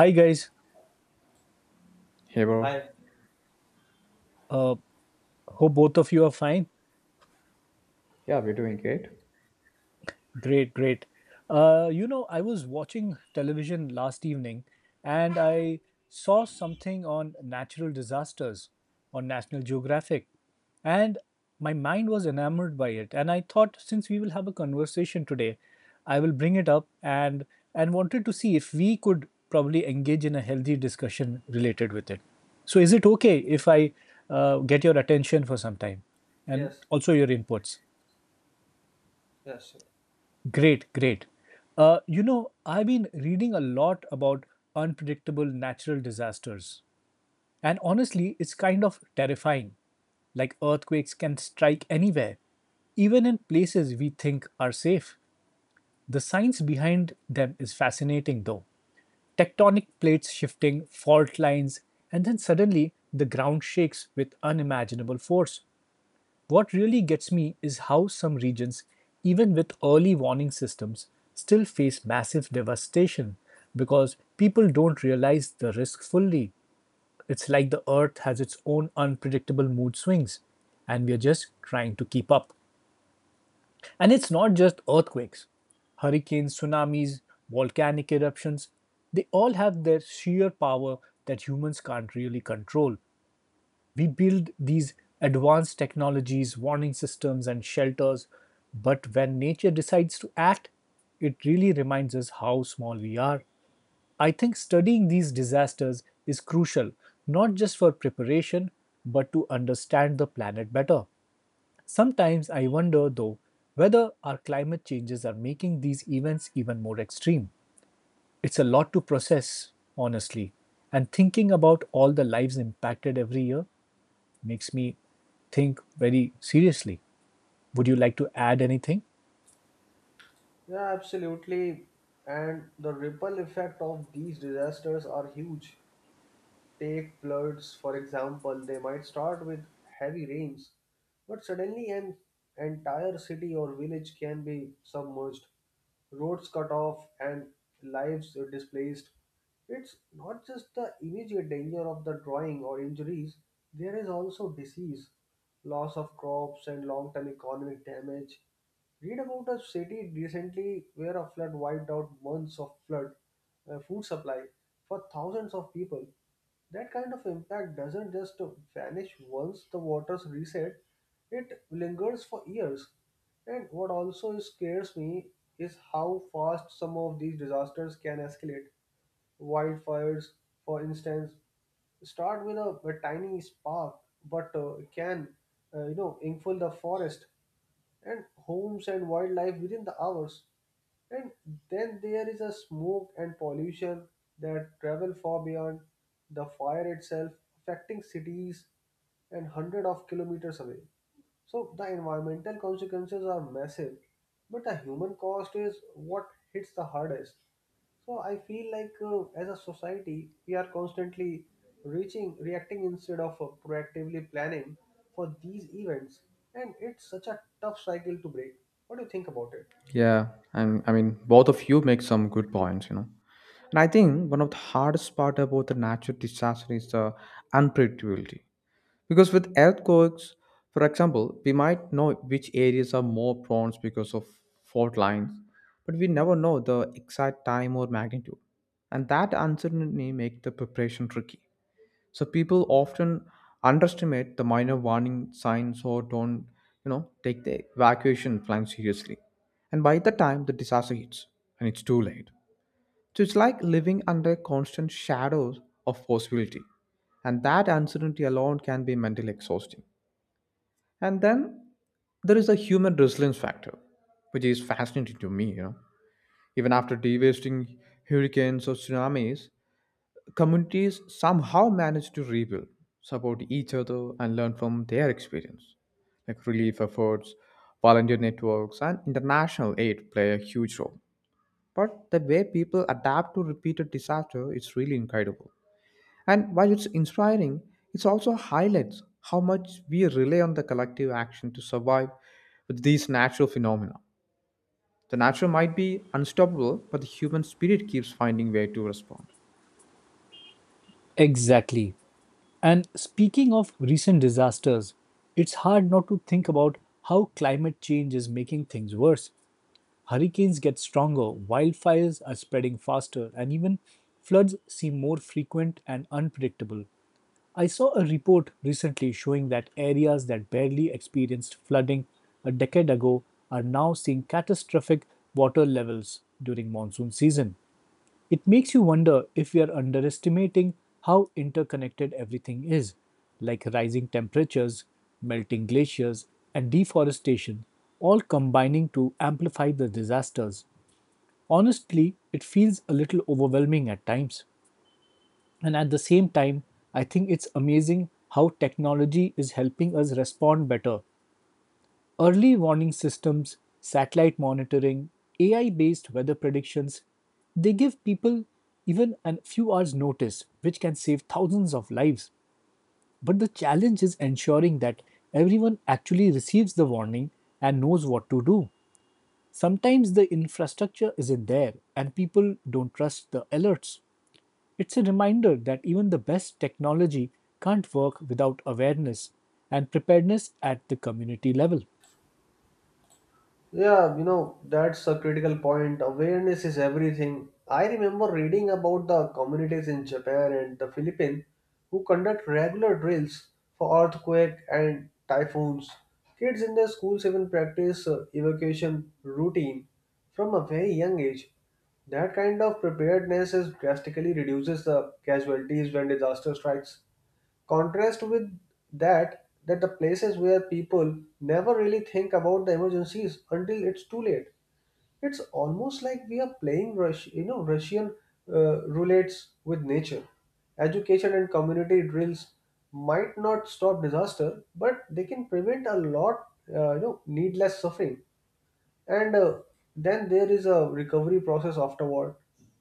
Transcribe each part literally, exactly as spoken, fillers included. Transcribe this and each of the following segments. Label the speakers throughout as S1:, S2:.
S1: Hi guys,
S2: Hey, bro.
S3: Hi.
S1: uh, hope both of you are fine.
S2: Yeah, we're doing great.
S1: Great, great. Uh, you know, I was watching television last evening and I saw something on natural disasters on National Geographic, and my mind was enamored by it. And I thought, since we will have a conversation today, I will bring it up and and wanted to see if we could probably engage in a healthy discussion related with it. So, is it okay if I uh, get your attention for some time and
S3: Yes.
S1: also your inputs?
S3: Yes.
S1: Great, great. Uh, you know, I've been reading a lot about unpredictable natural disasters. And honestly, it's kind of terrifying. Like earthquakes can strike anywhere, even in places we think are safe. The science behind them is fascinating, though. Tectonic plates shifting, fault lines, and then suddenly the ground shakes with unimaginable force. What really gets me is how some regions, even with early warning systems, still face massive devastation because people don't realize the risk fully. It's like the earth has its own unpredictable mood swings, and we're just trying to keep up. And it's not just earthquakes, hurricanes, tsunamis, volcanic eruptions, they all have their sheer power that humans can't really control. We build these advanced technologies, warning systems, and shelters, but when nature decides to act, it really reminds us how small we are. I think studying these disasters is crucial, not just for preparation, but to understand the planet better. Sometimes I wonder, though, whether our climate changes are making these events even more extreme. It's a lot to process, honestly, and thinking about all the lives impacted every year makes me think very seriously. Would you like to add anything?
S3: Yeah, absolutely. And the ripple effect of these disasters are huge. Take floods, for example, they might start with heavy rains, but suddenly an entire city or village can be submerged, roads cut off, and lives displaced. It's not just the immediate danger of the drawing or injuries, there is also disease, loss of crops, and long term economic damage. Read about a city recently where a flood wiped out months of flood uh, food supply for thousands of people. That kind of impact doesn't just vanish once the waters reset, it lingers for years. And what also scares me is how fast some of these disasters can escalate. Wildfires, for instance, start with a, a tiny spark but uh, can uh, you know engulf the forest and homes and wildlife within the hours. And then there is a smoke and pollution that travel far beyond the fire itself, affecting cities and hundreds of kilometers away. So the environmental consequences are massive, but the human cost is what hits the hardest. So I feel like uh, as a society, we are constantly reaching, reacting instead of uh, proactively planning for these events. And it's such a tough cycle to break. What do you think about it?
S2: Yeah, and I mean, both of you make some good points, you know. And I think one of the hardest part about the natural disaster is the unpredictability. Because with earthquakes, for example, we might know which areas are more prone because of fault lines, but we never know the exact time or magnitude. And that uncertainty makes the preparation tricky. So people often underestimate the minor warning signs or don't, you know, take the evacuation plan seriously. And by the time the disaster hits, and it's too late. So it's like living under constant shadows of possibility. And that uncertainty alone can be mentally exhausting. And then there is a human resilience factor, which is fascinating to me, you know. Even after devastating hurricanes or tsunamis, communities somehow manage to rebuild, support each other, and learn from their experience. Like relief efforts, volunteer networks, and international aid play a huge role. But the way people adapt to repeated disaster is really incredible. And while it's inspiring, it also highlights how much we rely on the collective action to survive with these natural phenomena. The nature might be unstoppable, but the human spirit keeps finding way to respond.
S1: Exactly. And speaking of recent disasters, it's hard not to think about how climate change is making things worse. Hurricanes get stronger, wildfires are spreading faster, and even floods seem more frequent and unpredictable. I saw a report recently showing that areas that barely experienced flooding a decade ago are now seeing catastrophic water levels during monsoon season. It makes you wonder if we are underestimating how interconnected everything is, like rising temperatures, melting glaciers, and deforestation, all combining to amplify the disasters. Honestly, it feels a little overwhelming at times. And at the same time, I think it's amazing how technology is helping us respond better. Early warning systems, satellite monitoring, A I based weather predictions, they give people even a few hours' notice, which can save thousands of lives. But the challenge is ensuring that everyone actually receives the warning and knows what to do. Sometimes the infrastructure isn't there and people don't trust the alerts. It's a reminder that even the best technology can't work without awareness and preparedness at the community level.
S3: Yeah, you know, that's a critical point. Awareness is everything. I remember reading about the communities in Japan and the Philippines who conduct regular drills for earthquake and typhoons. Kids in their schools even practice uh, evacuation routine from a very young age. That kind of preparedness is drastically reduces the casualties when disaster strikes. Contrast with that, that the places where people never really think about the emergencies until it's too late. It's almost like we are playing rush. you know, Russian uh, roulettes with nature. Education and community drills might not stop disaster, but they can prevent a lot, uh, you know, needless suffering. And uh, Then there is a recovery process afterward,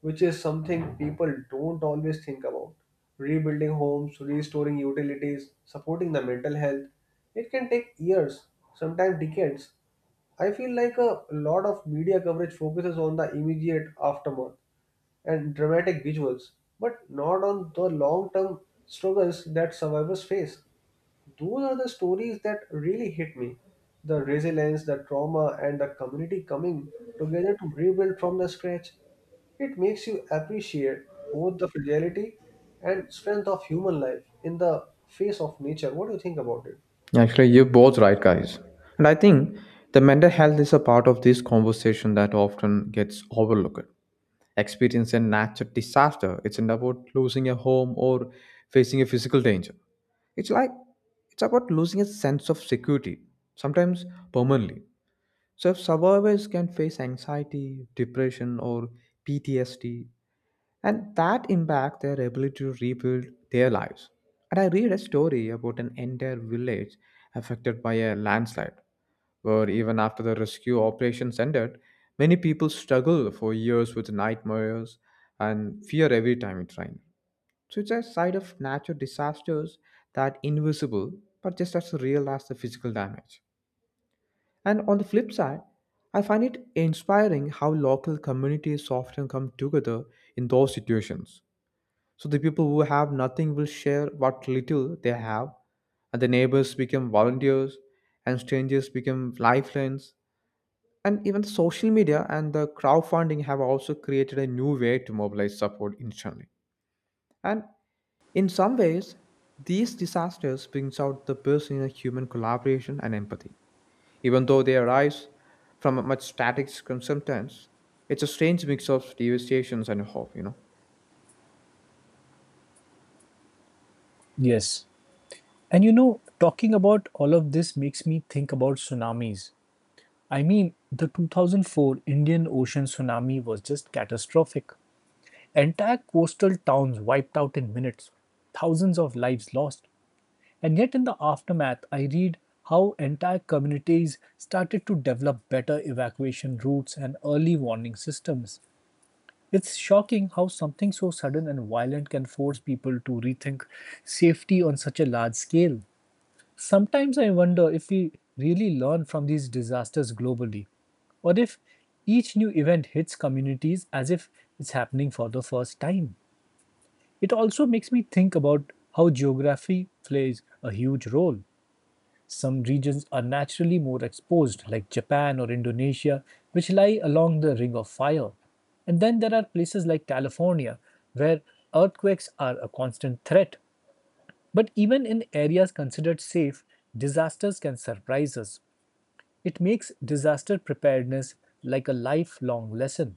S3: which is something people don't always think about: rebuilding homes, restoring utilities, supporting the mental health. It can take years, sometimes decades. I feel like a lot of media coverage focuses on the immediate aftermath and dramatic visuals, but not on the long term struggles that survivors face. Those are the stories that really hit me: the resilience, the trauma, and the community coming together to rebuild from the scratch. It makes you appreciate both the fragility and strength of human life in the face of nature. What do you think about it?
S2: Actually, you're both right, guys. And I think the mental health is a part of this conversation that often gets overlooked. Experience a natural disaster, it's not about losing a home or facing a physical danger. It's like it's about losing a sense of security, sometimes permanently. So if survivors can face anxiety, depression, or P T S D and that impact their ability to rebuild their lives. And I read a story about an entire village affected by a landslide, where even after the rescue operations ended, many people struggled for years with nightmares and fear every time it rained. So it's a side of natural disasters that invisible but just as real as the physical damage. And on the flip side, I find it inspiring how local communities often come together in those situations so the people who have nothing will share what little they have, and the neighbors become volunteers, and strangers become lifelines. And even social media and the crowdfunding have also created a new way to mobilize support instantly. And in some ways, these disasters brings out the best in a human collaboration and empathy. Even though they arise from a much static circumstance, it's a strange mix of devastations and hope, you know.
S1: Yes. And you know, talking about all of this makes me think about tsunamis. I mean, the two thousand four Indian Ocean tsunami was just catastrophic. Entire coastal towns wiped out in minutes, thousands of lives lost. And yet, in the aftermath, I read how entire communities started to develop better evacuation routes and early warning systems. It's shocking how something so sudden and violent can force people to rethink safety on such a large scale. Sometimes I wonder if we really learn from these disasters globally, or if each new event hits communities as if it's happening for the first time. It also makes me think about how geography plays a huge role. Some regions are naturally more exposed, like Japan or Indonesia, which lie along the Ring of Fire. And then there are places like California, where earthquakes are a constant threat. But even in areas considered safe, disasters can surprise us. It makes disaster preparedness like a lifelong lesson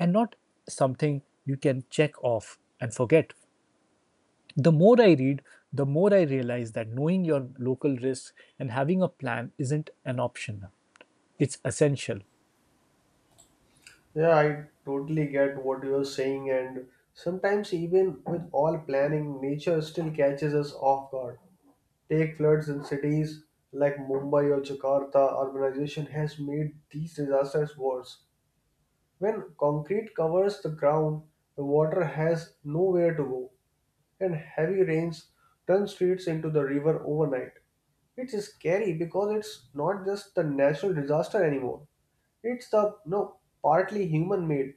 S1: and not something you can check off and forget. The more I read, the more I realize that knowing your local risks and having a plan isn't an option. It's essential.
S3: Yeah, I totally get what you're saying, and sometimes, even with all planning, nature still catches us off guard. Take floods in cities like Mumbai or Jakarta, urbanization has made these disasters worse. When concrete covers the ground, the water has nowhere to go, and heavy rains turn streets into the river overnight. It's scary because it's not just the natural disaster anymore. It's the no partly human made,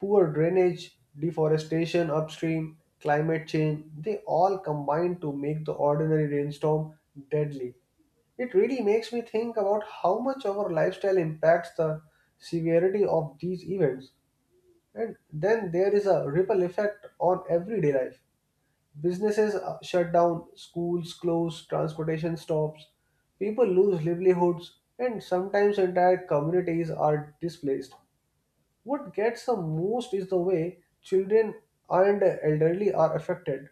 S3: poor drainage, deforestation upstream, climate change, they all combine to make the ordinary rainstorm deadly. It really makes me think about how much our lifestyle impacts the severity of these events. And then there is a ripple effect on everyday life. Businesses uh, shut down, schools close, transportation stops, people lose livelihoods, and sometimes entire communities are displaced. What gets the most is the way children and elderly are affected.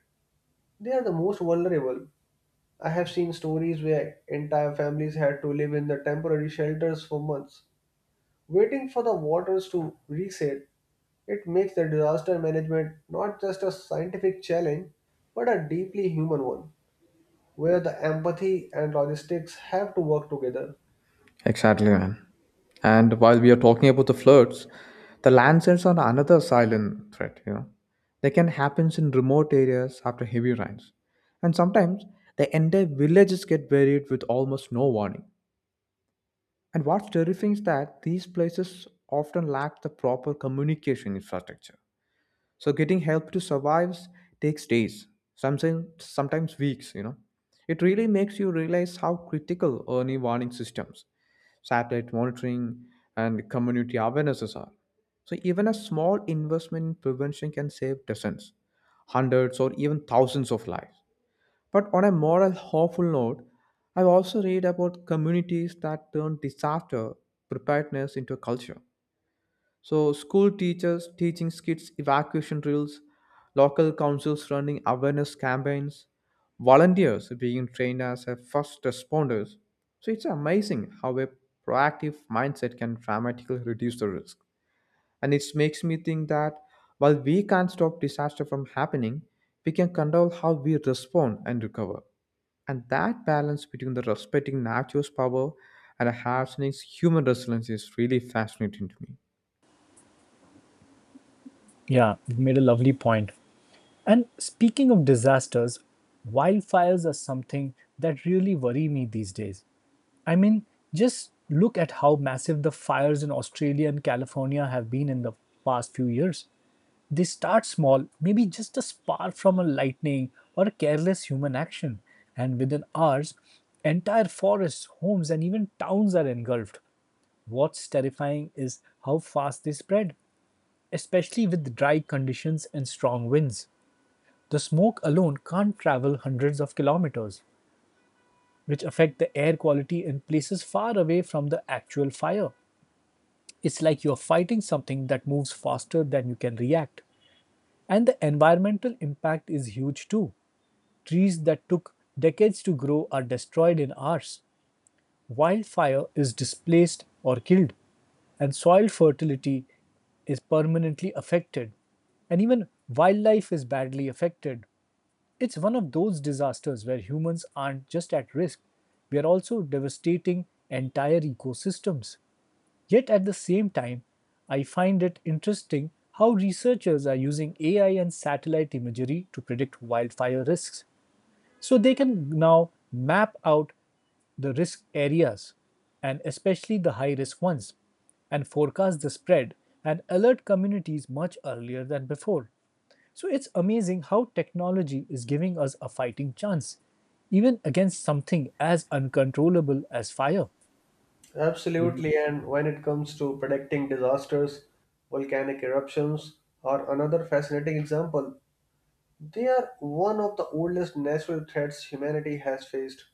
S3: They are the most vulnerable. I have seen stories where entire families had to live in the temporary shelters for months, waiting for the waters to reset. It makes the disaster management not just a scientific challenge, but a deeply human one, where the empathy and logistics have to work together.
S2: Exactly, man. And while we are talking about the floods, the landslides are another silent threat, you know. They can happen in remote areas after heavy rains. And sometimes the entire villages get buried with almost no warning. And what's terrifying is that these places often lack the proper communication infrastructure. So getting help to survive takes days, sometimes sometimes weeks, you know. It really makes you realize how critical early warning systems satellite monitoring, and community awarenesses are. So even a small investment in prevention can save dozens, hundreds, or even thousands of lives. But on a more hopeful note, I've also read about communities that turn disaster preparedness into a culture. So, school teachers teaching kids evacuation drills, local councils running awareness campaigns, volunteers being trained as a first responders. So, it's amazing how a proactive mindset can dramatically reduce the risk. And it makes me think that while we can't stop disaster from happening, we can control how we respond and recover. And that balance between the respecting nature's power and enhancing human resilience is really fascinating to me.
S1: Yeah, you made a lovely point. And speaking of disasters, wildfires are something that really worry me these days. I mean, just look at how massive the fires in Australia and California have been in the past few years. They start small, maybe just a spark from a lightning or a careless human action, and within hours, entire forests, homes, and even towns are engulfed. What's terrifying is how fast they spread, especially with dry conditions and strong winds. The smoke alone can't travel hundreds of kilometers, which affect the air quality in places far away from the actual fire. It's like you're fighting something that moves faster than you can react. And the environmental impact is huge too. Trees that took decades to grow are destroyed in hours. Wildfire is displaced or killed, and soil fertility is permanently affected, and even wildlife is badly affected. It's one of those disasters where humans aren't just at risk, we are also devastating entire ecosystems. Yet at the same time, I find it interesting how researchers are using A I and satellite imagery to predict wildfire risks. So they can now map out the risk areas and especially the high risk ones and forecast the spread and alert communities much earlier than before. So it's amazing how technology is giving us a fighting chance, even against something as uncontrollable as fire. Would you?
S3: Absolutely, and when it comes to predicting disasters, volcanic eruptions are another fascinating example. They are one of the oldest natural threats humanity has faced.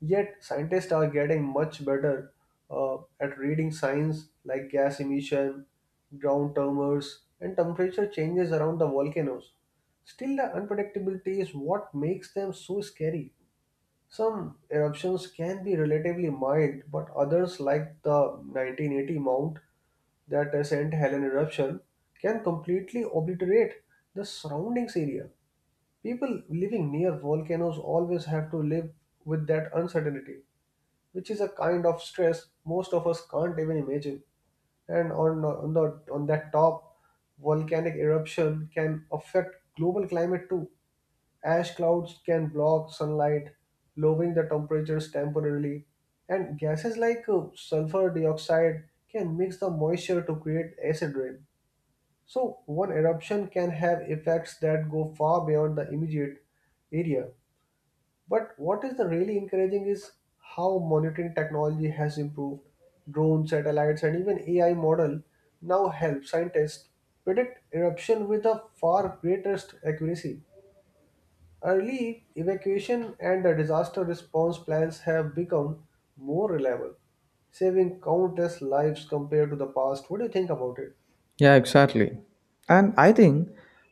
S3: Yet, scientists are getting much better uh, at reading signs like gas emission, ground tremors, and temperature changes around the volcanoes. Still, the unpredictability is what makes them so scary. Some eruptions can be relatively mild, but others, like the nineteen eighty Mount that uh, saint Helen eruption, can completely obliterate the surroundings area. People living near volcanoes always have to live with that uncertainty, which is a kind of stress most of us can't even imagine. And on, on, the, on that top, volcanic eruption can affect global climate too. Ash clouds can block sunlight, lowering the temperatures temporarily. And gases like uh, sulfur dioxide can mix the moisture to create acid rain. So, one eruption can have effects that go far beyond the immediate area. But what is the really encouraging is how monitoring technology has improved. Drone satellites and even A I model now help scientists predict eruption with a far greater st- accuracy. Early evacuation and the disaster response plans have become more reliable, saving countless lives compared to the past. What do you think about it?
S2: Yeah, exactly. And I think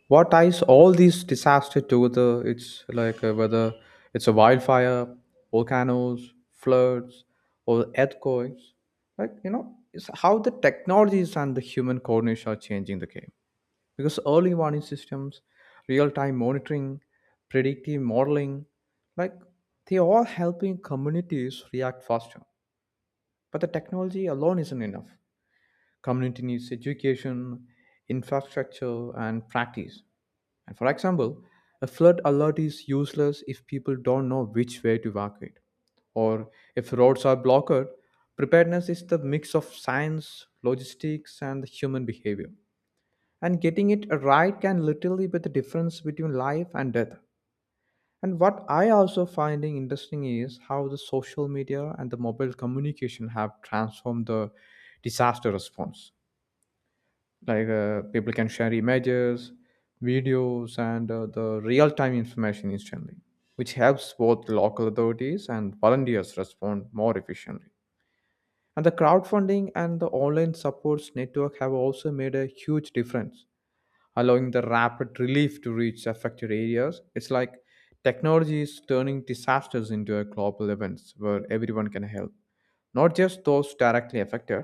S2: what ties all these disasters together, it's like uh, whether it's a wildfire, volcanoes, floods, or earthquakes, like, you know, it's how the technologies and the human coordination are changing the game. Because early warning systems, real time monitoring, predictive modeling, like, they are helping communities react faster. But the technology alone isn't enough. Community needs education, infrastructure, and practice. And for example, a flood alert is useless if people don't know which way to evacuate. Or if roads are blocked, preparedness is the mix of science, logistics, and the human behavior. And getting it right can literally be the difference between life and death. And what I also finding interesting is how the social media and the mobile communication have transformed the disaster response like uh, people can share images videos and uh, the real-time information instantly which helps both local authorities and volunteers respond more efficiently and the crowdfunding and the online supports network have also made a huge difference allowing the rapid relief to reach affected areas it's like technology is turning disasters into a global events where everyone can help not just those directly affected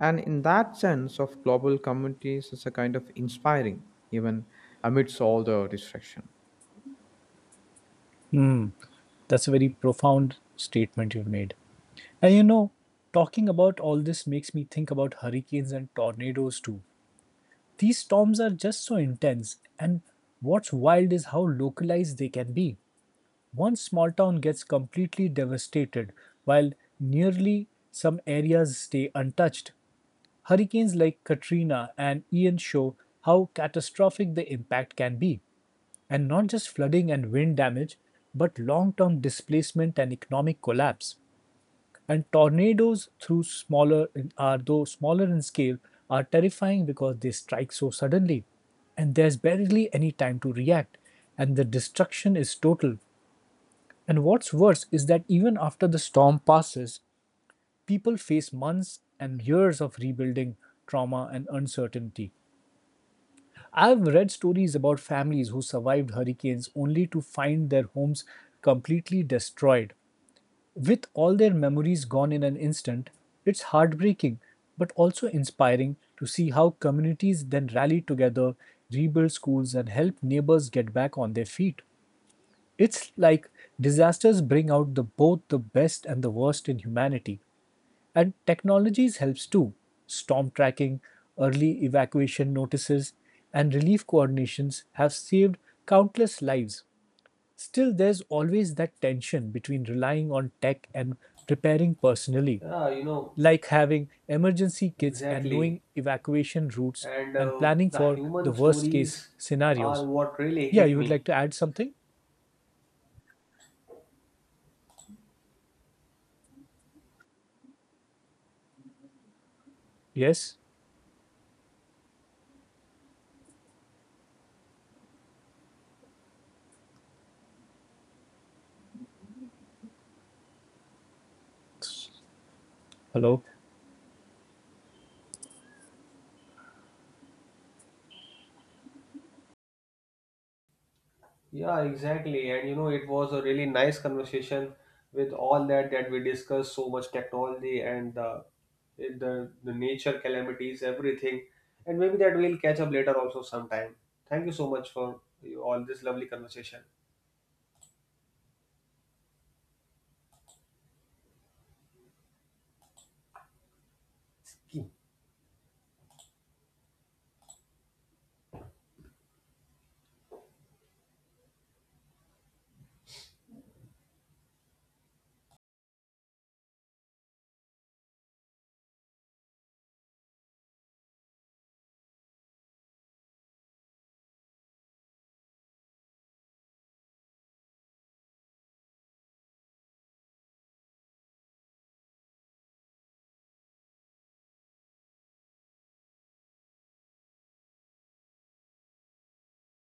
S2: and in that sense of global communities, it's a kind of inspiring, even amidst all the distraction.
S1: Hmm, that's a very profound statement you've made. And you know, talking about all this makes me think about hurricanes and tornadoes too. These storms are just so intense, and what's wild is how localized they can be. One small town gets completely devastated, while nearly some areas stay untouched. Hurricanes like Katrina and Ian show how catastrophic the impact can be, and not just flooding and wind damage, but long term displacement and economic collapse. And tornadoes, through smaller are though smaller in scale, are terrifying because they strike so suddenly, and there's barely any time to react, and the destruction is total. And what's worse is that even after the storm passes, people face months and years of rebuilding trauma and uncertainty. I've read stories about families who survived hurricanes only to find their homes completely destroyed. With all their memories gone in an instant, it's heartbreaking but also inspiring to see how communities then rally together, rebuild schools, and help neighbors get back on their feet. It's like disasters bring out the, both the best and the worst in humanity, and technologies helps too. Storm tracking, early evacuation notices, and relief coordinations have saved countless lives. Still, there's always that tension between relying on tech and preparing personally,
S3: Yeah, you know,
S1: like having emergency kits and
S3: exactly.
S1: knowing evacuation routes
S3: And
S1: and
S3: uh,
S1: planning
S3: the
S1: for the
S3: human
S1: worst case
S3: stories are
S1: scenarios.
S3: what really
S1: Yeah,
S3: hit
S1: you would like
S3: me.
S1: to add something? Yes? Hello?
S3: Yeah, exactly. And you know, it was a really nice conversation. With all that that we discussed, so much technology and the the, the nature calamities, everything. And maybe that we'll catch up later also sometime. Thank you so much for you- all this lovely conversation.